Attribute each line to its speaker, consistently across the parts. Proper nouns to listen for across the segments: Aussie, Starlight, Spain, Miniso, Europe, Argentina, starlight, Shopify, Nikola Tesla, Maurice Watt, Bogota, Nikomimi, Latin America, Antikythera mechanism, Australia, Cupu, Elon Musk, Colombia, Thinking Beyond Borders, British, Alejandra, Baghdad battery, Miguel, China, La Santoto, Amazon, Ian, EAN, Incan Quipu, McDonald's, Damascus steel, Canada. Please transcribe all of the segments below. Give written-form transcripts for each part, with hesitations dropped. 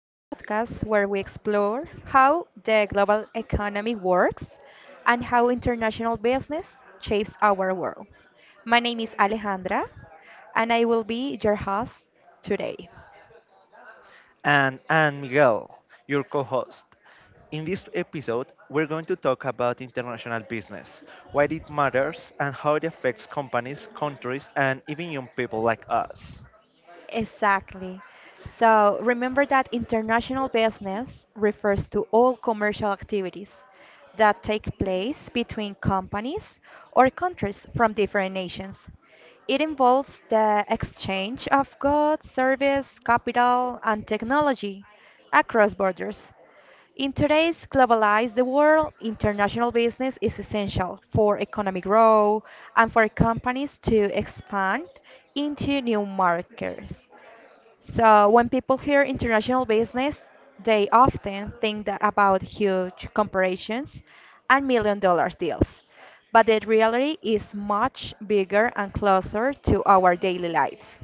Speaker 1: the podcast where we explore how the global economy works and how international business shapes our world. My name is Alejandra, and I will be your host today.
Speaker 2: And I Miguel, your co host. In this episode, we're going to talk about international business, why it matters, and how it affects companies, countries, and even young people like us.
Speaker 1: Exactly. So remember that international business refers to all commercial activities that take place between companies or countries from different nations. It involves the exchange of goods, service, capital, and technology across borders. In today's globalized world, international business is essential for economic growth and for companies to expand into new markets. So when people hear international business, they often think that about huge corporations and $1 million deals. But the reality is much bigger and closer to our daily lives.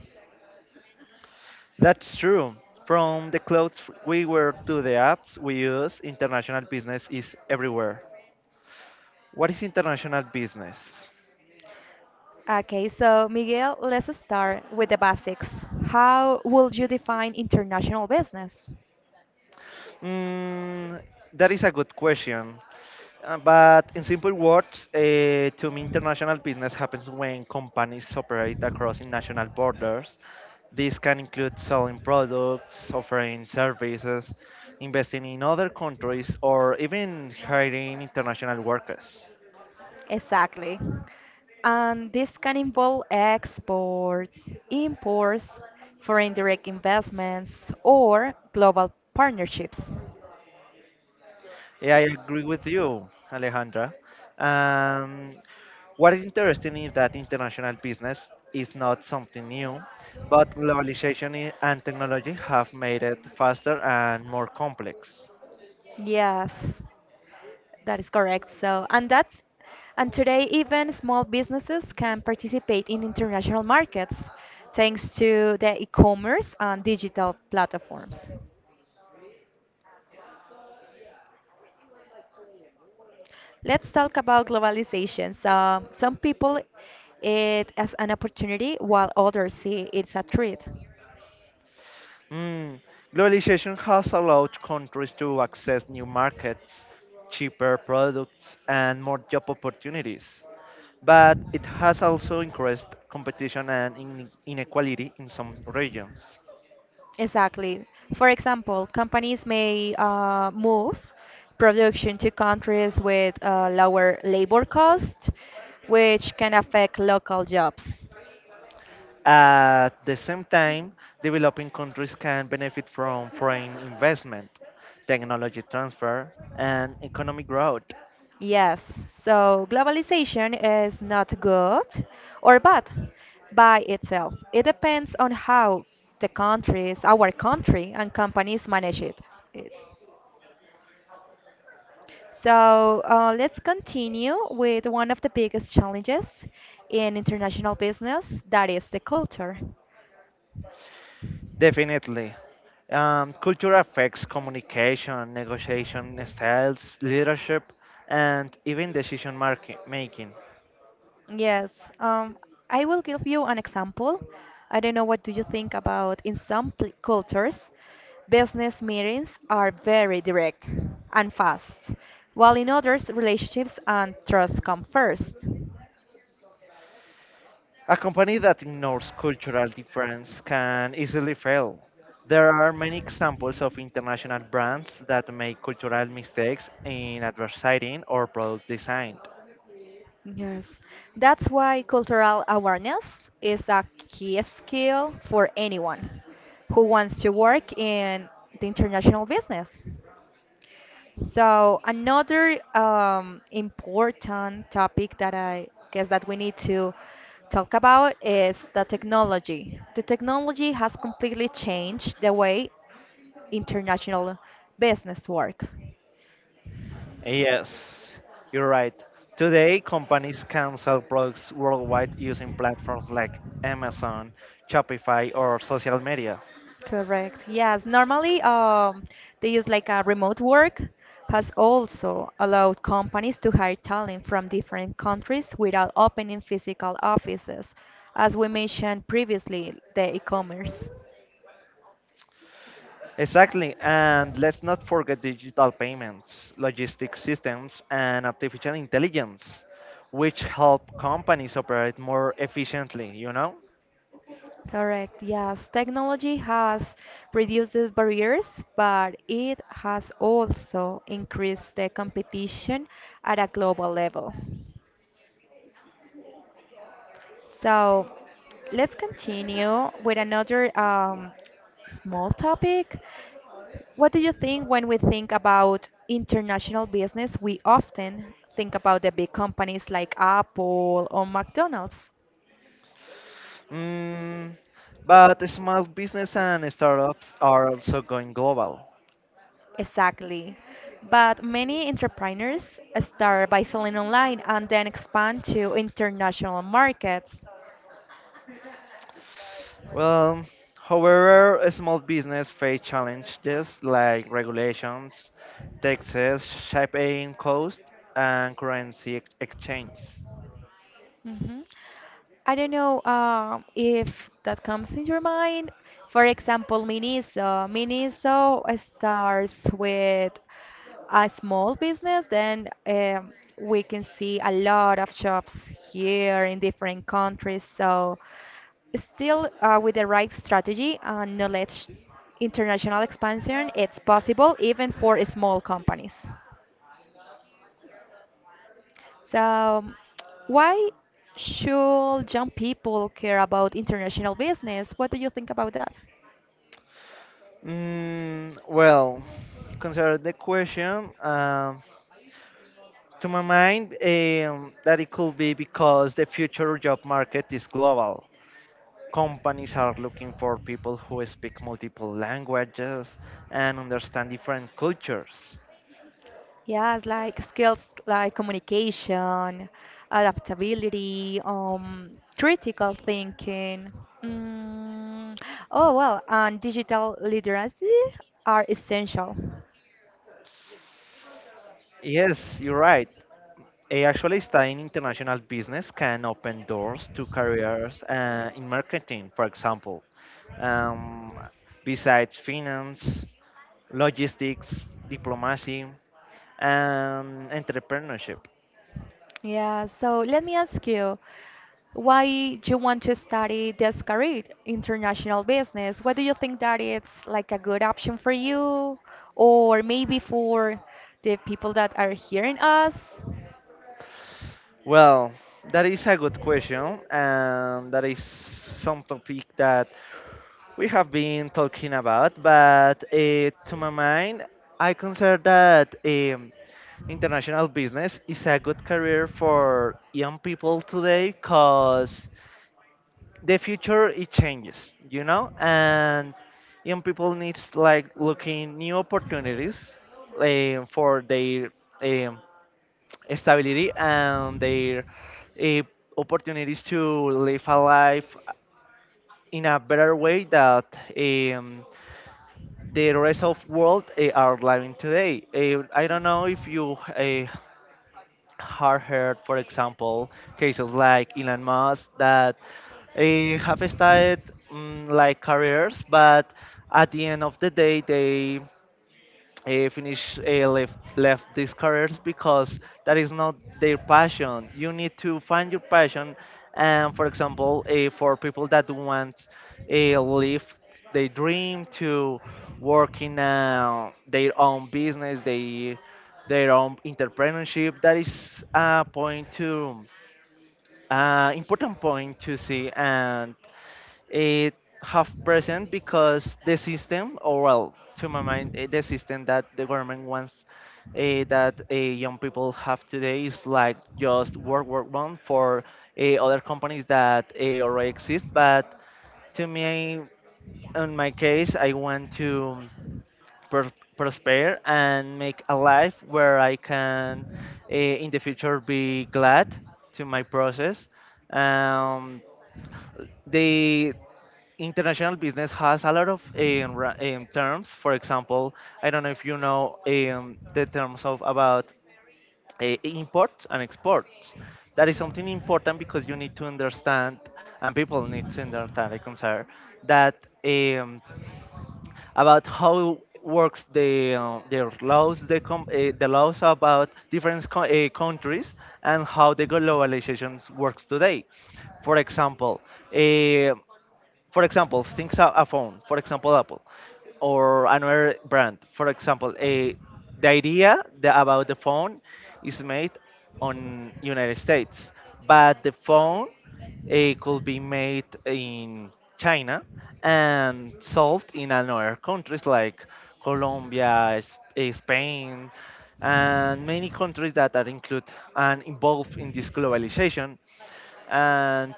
Speaker 2: That's true. From the clothes we wear to the apps we use, international business is everywhere. What is international business?
Speaker 1: Okay, so Miguel, let's start with the basics. How would you define international business?
Speaker 2: Mm, that is a good question. But in simple words, to me, international business happens when companies operate across national borders. This can include selling products, offering services, investing in other countries, or even hiring international workers.
Speaker 1: Exactly. And this can involve exports, imports, foreign direct investments, or global partnerships.
Speaker 2: Yeah, I agree with you, Alejandra. Um, what is interesting is that international business is not something new, but globalization and technology have made it faster and more complex.
Speaker 1: Yes, that is correct. So, and that's and today even small businesses can participate in international markets thanks to the e-commerce and digital platforms. Let's talk about globalization. So, some people it as an opportunity while others see it's a threat.
Speaker 2: Mm. Globalization has allowed countries to access new markets, cheaper products, and more job opportunities. But it has also increased competition and inequality in some regions.
Speaker 1: Exactly. For example, companies may move production to countries with lower labor costs, which can affect local jobs.
Speaker 2: At the same time, developing countries can benefit from foreign investment, technology transfer, and economic growth.
Speaker 1: Yes, so globalization is not good or bad by itself. It depends on how the countries, our country, and companies manage it. So let's continue with one of the biggest challenges in international business, that is the culture.
Speaker 2: Definitely. Culture affects communication, negotiation styles, leadership, and even decision making.
Speaker 1: Yes, um, I will give you an example. I don't know what do you think about in some cultures, business meetings are very direct and fast, while in others, relationships and trust come first.
Speaker 2: A company that ignores cultural difference can easily fail. There are many examples of international brands that make cultural mistakes in advertising or product design.
Speaker 1: Yes, that's why cultural awareness is a key skill for anyone who wants to work in the international business. So another important topic that I guess that we need to talk about is the technology. The technology has completely changed the way international business work.
Speaker 2: Yes, you're right. Today, companies can sell products worldwide using platforms like Amazon, Shopify, or social media.
Speaker 1: Correct. Yes. Normally, they use like a remote work has also allowed companies to hire talent from different countries without opening physical offices, as we mentioned previously, the e-commerce.
Speaker 2: Exactly, and let's not forget digital payments, logistics systems, and artificial intelligence, which help companies operate more efficiently, you know?
Speaker 1: Correct. Yes, technology has reduced the barriers, but it has also increased the competition at a global level. So let's continue with another small topic. What do you think when we think about international business? We often think about the big companies like Apple or McDonald's.
Speaker 2: Mm, but small business and startups are also going global.
Speaker 1: Exactly. But many entrepreneurs start by selling online and then expand to international markets.
Speaker 2: Well, however, a small business face challenges like regulations, taxes, shipping costs, and currency exchange.
Speaker 1: hmm I don't know if that comes in your mind. For example, Miniso. Miniso starts with a small business, then we can see a lot of shops here in different countries. So, still with the right strategy and knowledge, international expansion, it's possible even for small companies. So, why should young people care about international business? What do you think about that?
Speaker 2: Well, consider the question. To my mind, that it could be because the future job market is global. Companies are looking for people who speak multiple languages and understand different cultures.
Speaker 1: Yes, like skills like communication, adaptability, critical thinking. Mm, and digital literacy are essential.
Speaker 2: Yes, you're right. Actually, studying international business can open doors to careers in marketing, for example. Um, Besides finance, logistics, diplomacy, and entrepreneurship.
Speaker 1: Yeah, so let me ask you, why you want to study this career, international business? What do you think that it's like a good option for you, or maybe for the people that are hearing us?
Speaker 2: Well, that is a good question, and that is some topic that we have been talking about. But to my mind, I consider that. International business is a good career for young people today because the future it changes, you know, and young people needs like looking new opportunities for their um, stability and their uh, opportunities to live a life in a better way that the rest of world are living today. I don't know if you hard heard, for example, cases like Elon Musk that have started like careers, but at the end of the day, they finish left these careers because that is not their passion. You need to find your passion, and for example, for people that want live their dream to work in their own business, they their own entrepreneurship. That is a point to important point to see, and it half present because the system, or well, to my mind, the system that the government wants that young people have today is like just work, work, run for other companies that already exist. But to me, in my case, I want to pr- prosper and make a life where I can, in the future, be glad to my process. Um, the international business has a lot of terms. For example, I don't know if you know the terms of about imports and exports. That is something important because you need to understand, and people need to understand, I consider, that about how works the their laws, the the laws about different countries, and how the globalizations works today. For example, eh, for example, things a phone, for example, Apple, or another brand, for example, a the idea the, about the phone is made on United States, but the phone it could be made in China and sold in another countries like Colombia, Spain, and many countries that are included and involved in this globalization. And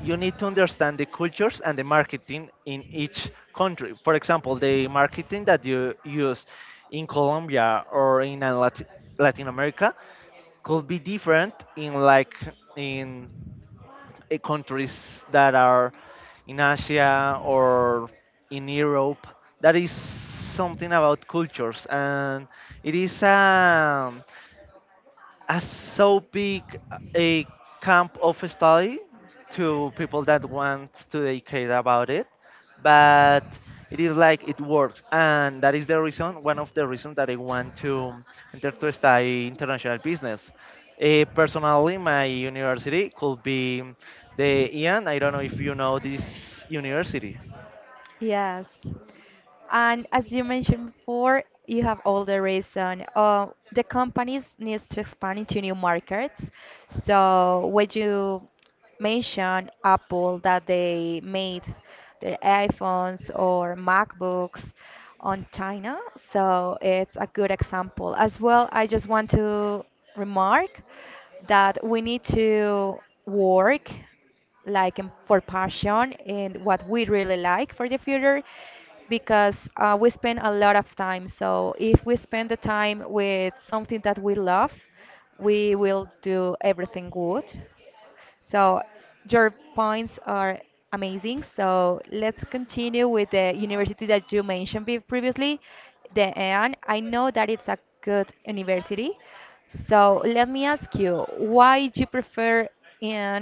Speaker 2: you need to understand the cultures and the marketing in each country. For example, the marketing that you use in Colombia or in Latin America could be different in like in countries that are in Asia or in Europe. That is something about cultures, and it is. A so big a camp of study to people that want to educate about it, but it is like it works, and that is the reason, one of the reasons that I want to enter to study international business. Personally, my university could be the Ian. I don't know if you know this university.
Speaker 1: Yes. And as you mentioned before, you have all the reason. The companies needs to expand into new markets. So when you mention Apple that they made their iPhones or MacBooks on China, so it's a good example. As well, I just want to remark that we need to work like for passion and what we really like for the future because we spend a lot of time. So if we spend the time with something that we love, we will do everything good. So your points are amazing. So let's continue with the university that you mentioned previously, the EAN. I know that it's a good university. So let me ask you, why do you prefer EAN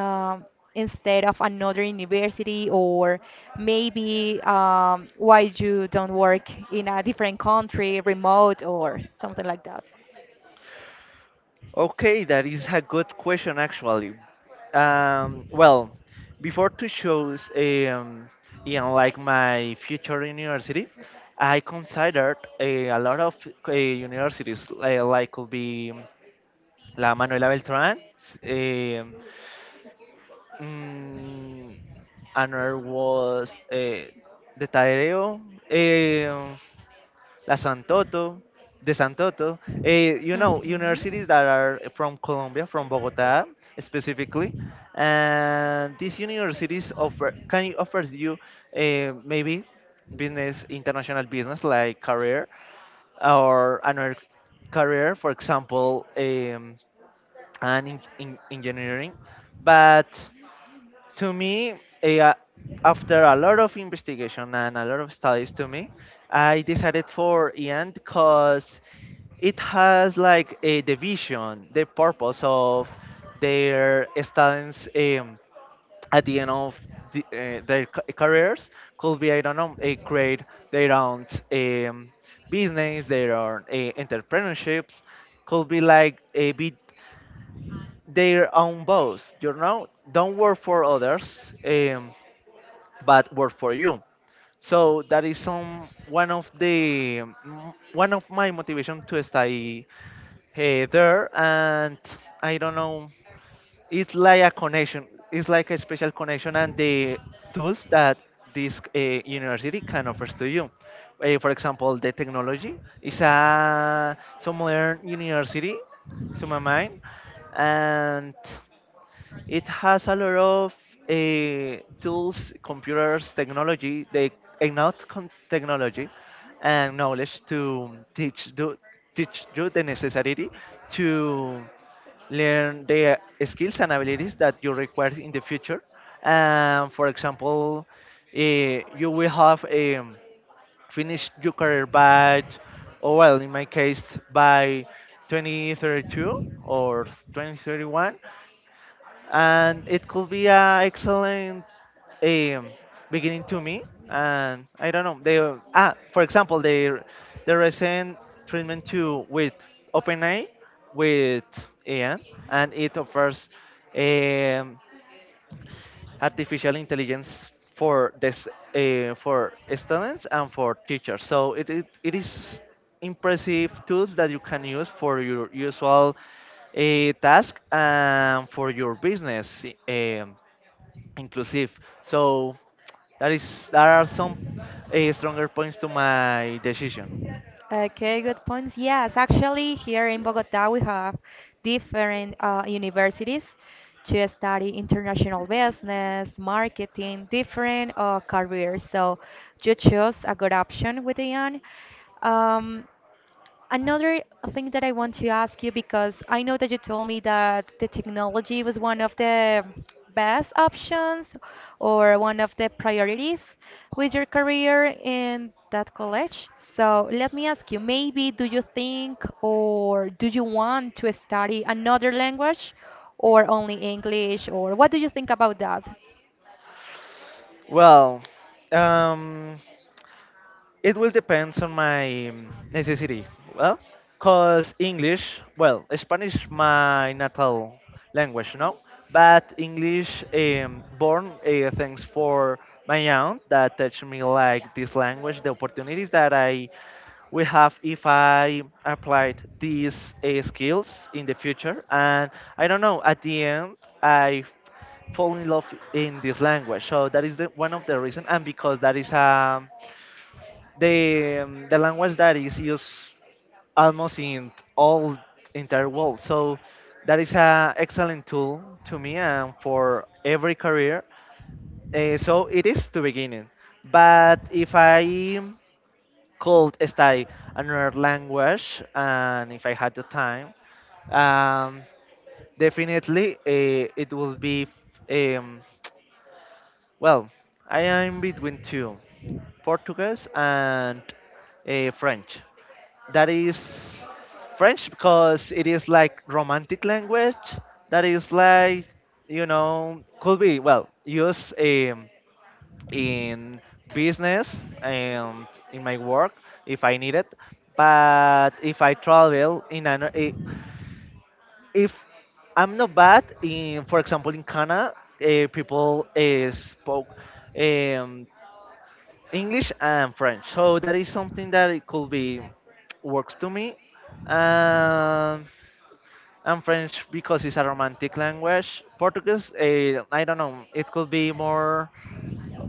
Speaker 1: um, instead of another university, or maybe why you don't work in a different country, remote, or something like that?
Speaker 2: Okay, that is a good question actually. Well, before to choose, you know, like my future university, I considered a lot of universities, like could be La Manuela Beltrán. Um, mm, another was the Tadeo. Um La Santoto, the Santoto. You know,
Speaker 1: Mhm.
Speaker 2: universities that are from Colombia, from Bogota specifically, and these universities offer can offers you maybe business, international business like career or another career, for example, an in engineering, but to me, eh, uh, after a lot of investigation and a lot of studies, to me, I decided for Ian because it has like a division, the purpose of their students at the end of their careers could be I don't know, create their own um, business, their own entrepreneurships, could be like a bit their own boss. You know, don't work for others. Um, but work for you. So that is some one of the one of my motivation to stay there, and I don't know. It's like a connection. It's like a special connection, and the tools that this university can offers to you. For example, the technology is a some modern university, to my mind, and it has a lot of tools, computers, technology, they enough technology and knowledge to teach you the necessity to learn the skills and abilities that you require in the future. For example, you will have finished your career or well, in my case, by 2032 or 2031, and it could be an excellent um, beginning to me. And I don't know. They for example, they the recent treatment to with OpenAI with AI, and it offers um, artificial intelligence for this for students and for teachers. So it is impressive tools that you can use for your usual task and for your business eh, um, inclusive. So that is there are some stronger points to my decision.
Speaker 1: Okay, good points. Yes, actually, here in Bogota, we have different universities to study international business, marketing, different careers. So you choose a good option with Ian. Um, Another thing that I want to ask you because I know that you told me that the technology was one of the best options or one of the priorities with your career in that college. So let me ask you, maybe do you think or do you want to study another language or only English or what do you think about that?
Speaker 2: Well, um, it will depends on my necessity. Well, cause English, well, Spanish my natal language, you know, but English born thanks for my aunt that teach me like this language, the opportunities that I will have if I applied these skills in the future. And I don't know, at the end, I fall in love in this language. So that is the, one of the reason, and because that is a the language that is used almost in all entire world. So that is an excellent tool to me and for every career. So it is the beginning. But if I could study another language and if I had the time, um, definitely it will be um, well, I am between two, Portuguese and French. That is French because it is like romantic language. That is like, you know, could be well used in business and in my work if I need it. But if I travel in if I'm not bad in, for example, in Canada, people spoke. Um, English and French. So that is something that it could be works to me. Um, and French because it's a romantic language. Portuguese, I don't know. It could be more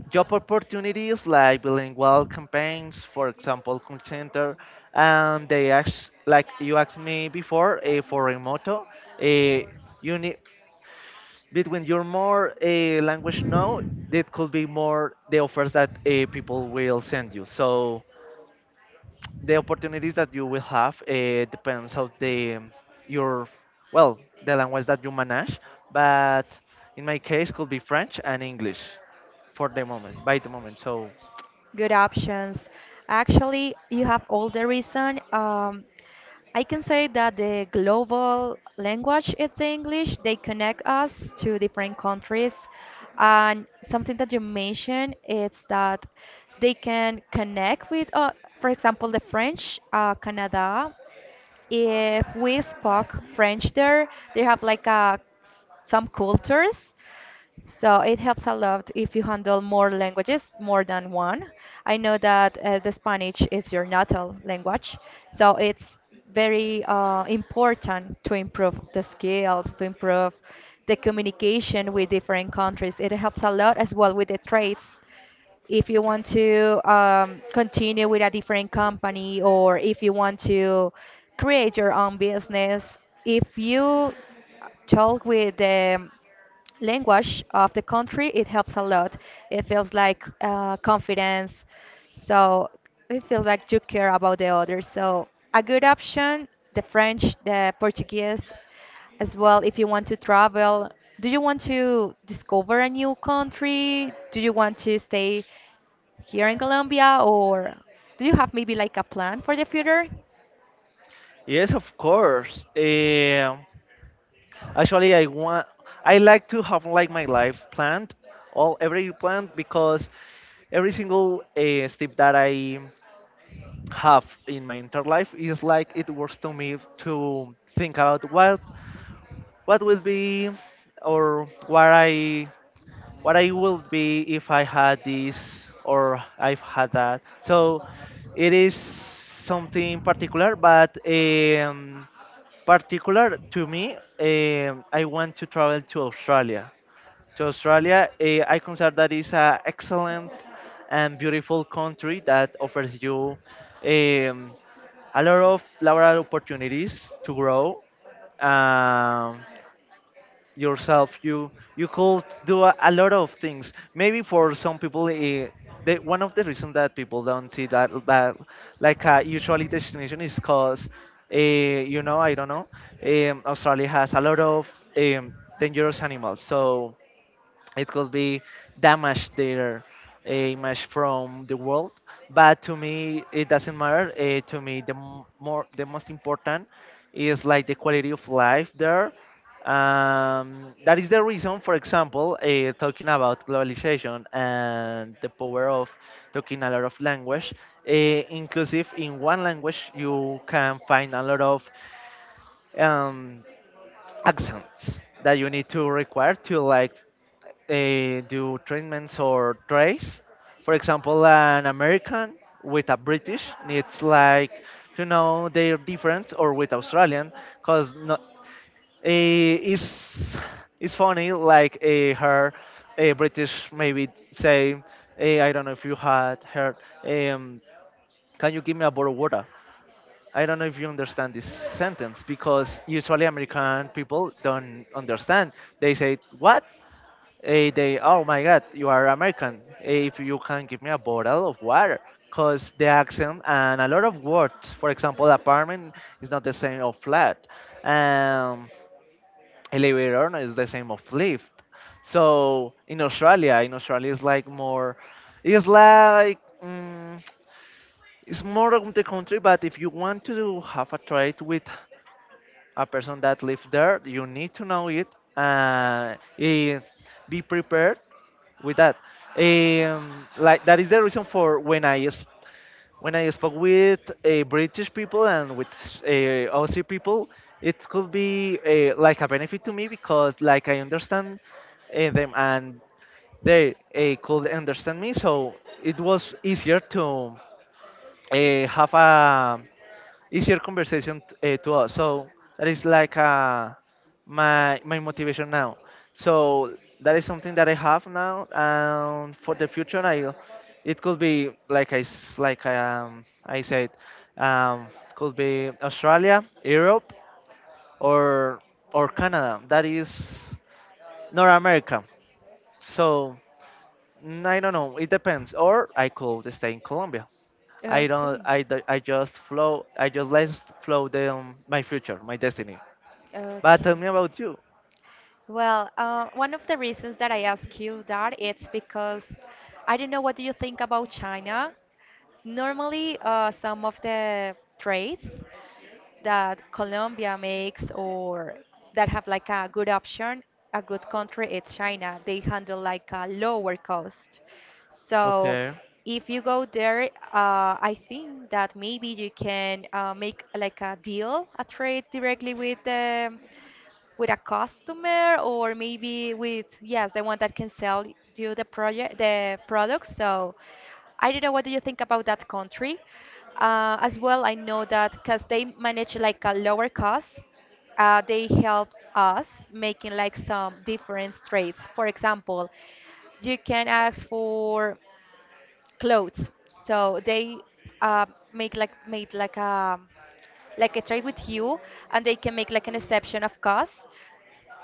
Speaker 2: job opportunities like bilingual campaigns, for example, call center. And they ask, like you asked me before, for remote, eh, you need between your more language now, it could be more the offers that people will send you. So the opportunities that you will have depends of the your well the language that you manage, but in my case could be French and English for the moment by the moment so.
Speaker 1: Good options. Actually, you have all the reason. I can say that the global language it's English. They connect us to different countries. And something that you mentioned is that they can connect with, for example, the French, Canada. If we spoke French there, they have like a, some cultures so it helps a lot if you handle more languages, more than one. I know that the Spanish is your natal language, so it's very important to improve the skills, to improve the communication with different countries. It helps a lot as well with the trades. If you want to continue with a different company or if you want to create your own business, if you talk with the language of the country, it helps a lot. It feels like confidence. So it feels like you care about the others. So a good option, the French, the Portuguese, as well. If you want to travel, do you want to discover a new country? Do you want to stay here in Colombia, or do you have maybe like a plan for the future?
Speaker 2: Yes, of course. Actually, I want, I like to have like my life planned all every plan because every single step that I have in my entire life is like it works to me to think about what will be or what I would be if I had this or I've had that. So it is something particular, but particular to me, I want to travel to Australia. To Australia, I consider that is an excellent and beautiful country that offers you um, a lot of laboral opportunities to grow. Um, Yourself you could do a lot of things. Maybe for some people one of the reasons that people don't see that like a usually destination is because you know I don't know australia has a lot of um, dangerous animals, so it could be damage their image from the world. But to me it doesn't matter. To me the m- more the most important is like the quality of life there. That is the reason. For example, talking about globalization and the power of talking a lot of language, inclusive in one language you can find a lot of um, accents that you need to require to, like, do treatments or trace. For example, an American with a British needs like to know their difference, or with Australian, because no, it's it's funny, like, her British maybe say, I don't know if you had heard, um, can you give me a bottle of water? I don't know if you understand this sentence, because usually American people don't understand. They say, What? Oh my God, you are American. If you can give me a bottle of water, cause the accent and a lot of words. For example, apartment is not the same of flat. Um, Elevator no is the same of lift. So in Australia, it's like more, it's like, mm, it's more of the country. But if you want to have a trade with a person that lives there, you need to know it and be prepared with that. Like that is the reason for when when I spoke with British people and with Aussie people, it could be, like, a benefit to me, because like I understand them, and they could understand me. So it was easier to have a easier conversation to us. So that is like my my motivation now. So that is something that I have now, and for the future, I it could be like like I said, um, could be Australia, Europe, or or Canada. That is North America. So, I don't know. It depends. Or I could stay in Colombia. I don't.
Speaker 1: Okay.
Speaker 2: I, I just flow. I just let flow the my future, my destiny. But tell
Speaker 1: Okay.
Speaker 2: me about you.
Speaker 1: Well, one of the reasons that I ask you that it's because I don't know what do you think about China. Normally, some of the trades that Colombia makes or that have like a good option, a good country, it's China. They handle like a lower cost. So
Speaker 2: Okay.
Speaker 1: if you go there, I think that maybe you can make like a deal, a trade directly with them with a customer or maybe with yes the one that can sell you the project the product so I don't know what do you think about that country, as well I know that because they manage like a lower cost, they help us making like some different trades. For example, you can ask for clothes so they uh, make like made like a a trade with you and they can make like an exception of cost.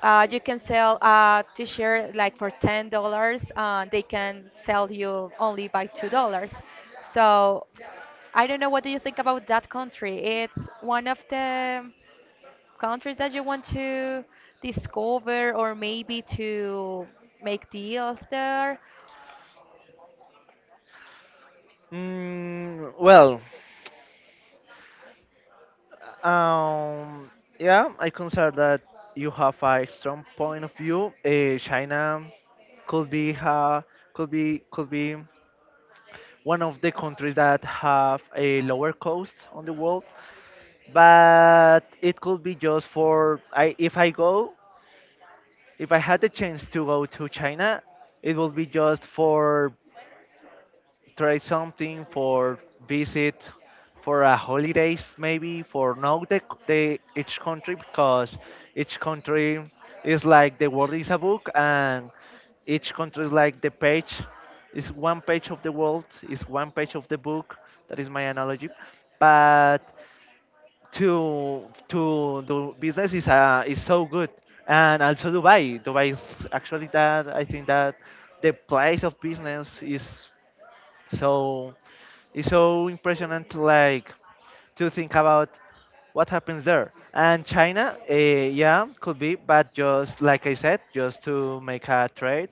Speaker 1: You can sell a t-shirt like for $10. They can sell you only by $2. So I don't know what do you think about that country. It's one of the countries that you want to discover or maybe to make deals there.
Speaker 2: Well, um, yeah, I consider that you have a strong point of view. China could be, could be, could be one of the countries that have a lower cost on the world, but it could be just for I if I go. If I had the chance to go to China, it would be just for try something, for visit, for a holidays maybe, for know the each country, because each country is like the world is a book, and each country is like the page, is one page of the world, is one page of the book. That is my analogy. But to do business is, is so good. And also Dubai, Dubai is actually that I think that the place of business is so, is so impressionant, like to think about what happens there. And China, yeah, could be, but just like I said, just to make a trade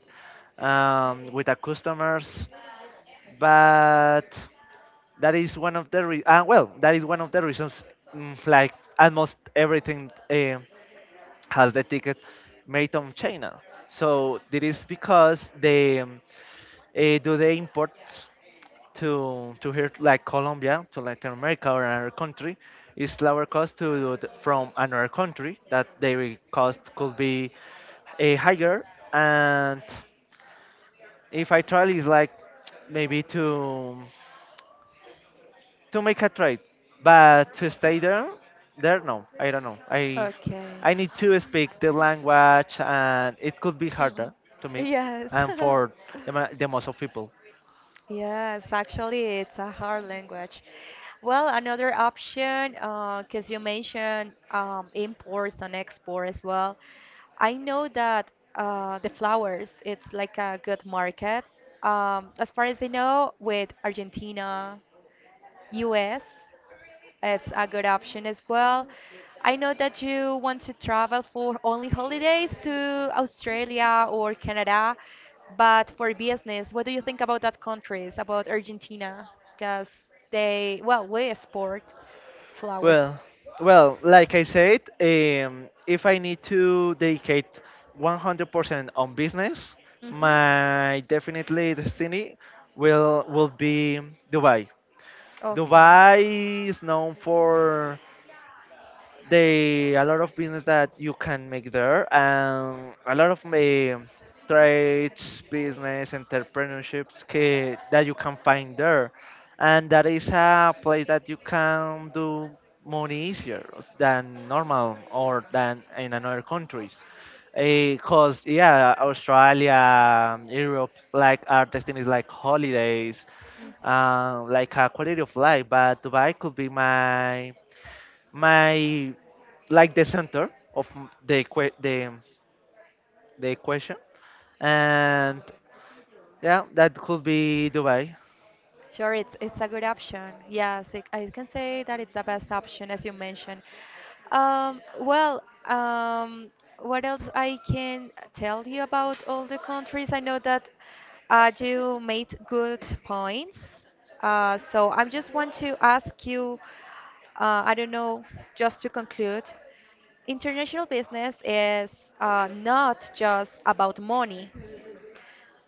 Speaker 2: with our customers. But that is one of the well, that is one of the reasons. Like almost everything, has the ticket made on China. So that is because they, do the imports to here, like Colombia to Latin America or another country. It's lower cost to do it from another country, that their cost could be a higher. And if I travel is like maybe to make a trade, but to stay there, there no, I don't know.
Speaker 1: Okay.
Speaker 2: I need to speak the language, and it could be
Speaker 1: Hmm.
Speaker 2: harder to me
Speaker 1: Yes.
Speaker 2: and for the, the most of people.
Speaker 1: Yes, actually, it's a hard language. Well, another option, because you mentioned imports and export as well. I know that the flowers, it's like a good market. As far as I know, with Argentina, US. It's a good option as well. I know that you want to travel for only holidays to Australia or Canada, but for business, what do you think about that countries, about Argentina? Because they, well, we export flowers.
Speaker 2: Well, well, like I said, if I need to dedicate 100% on business,
Speaker 1: hmm
Speaker 2: my definitely destiny will be Dubai.
Speaker 1: Okay.
Speaker 2: Dubai is known for they a lot of business that you can make there, and a lot of trades, business, entrepreneurships that you can find there, and that is a place that you can do money easier than normal or than in another countries. Because yeah, Australia, Europe, like our destinies like holidays,
Speaker 1: Mm.
Speaker 2: like a quality of life. But Dubai could be my my, like, the center of the equation, and yeah, that could be Dubai.
Speaker 1: Sure, it's a good option. Yes, it, I can say that it's the best option as you mentioned. Um, well, um, what else I can tell you about all the countries? I know that you made good points. So I just want to ask you, I don't know, just to conclude, international business is not just about money.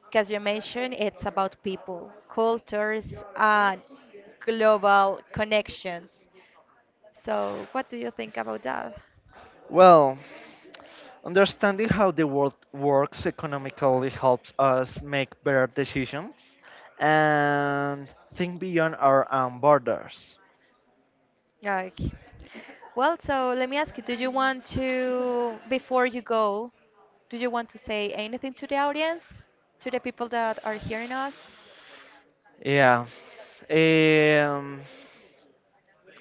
Speaker 1: Because you mentioned it's about people, cultures, and global connections. So, what do you think about that?
Speaker 2: Well, understanding how the world works economically helps us make better decisions and think beyond our own borders.
Speaker 1: Like, well, so let me ask you, do you want to, before you go, do you want to say anything to the audience, to the people that are hearing us?
Speaker 2: Yeah. Um,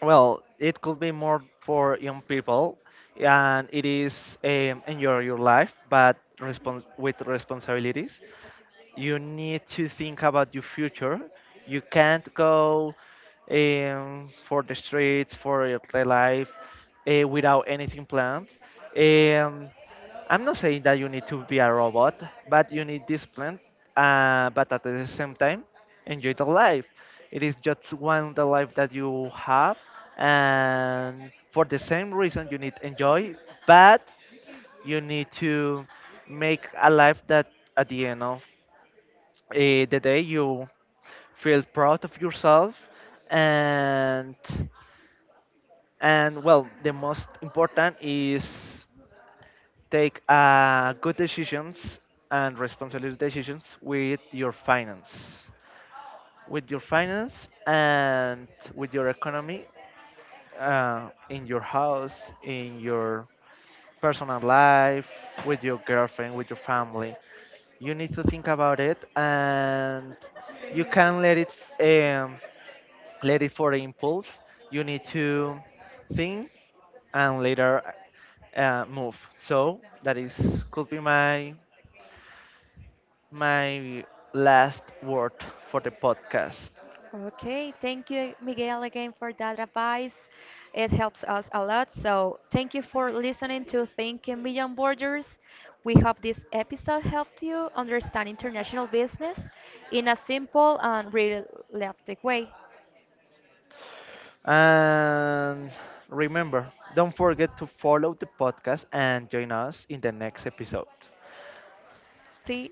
Speaker 2: well, it could be more for young people, and it is, enjoy your life, but with responsibilities. You need to think about your future. You can't go for the streets for your life without anything planned. Um, I'm not saying that you need to be a robot, but you need discipline. But at the same time, enjoy the life. It is just one the life that you have, and for the same reason you need enjoy, but you need to make a life that at the end of the day you feel proud of yourself. and and well, the most important is take good decisions and responsible decisions with your finance, with your finance, and with your economy, in your house, in your personal life, with your girlfriend, with your family. You need to think about it, and you can let it, um, let it for the impulse. You need to think, and later move. So that is, could be my my last word for the podcast.
Speaker 1: Okay, thank you, Miguel, again for that advice. It helps us a lot. So, thank you for listening to Thinking Beyond Borders. We hope this episode helped you understand international business in a simple and realistic way.
Speaker 2: And remember, don't forget to follow the podcast and join us in the next episode.
Speaker 1: See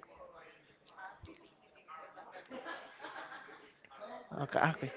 Speaker 2: Okay, okay.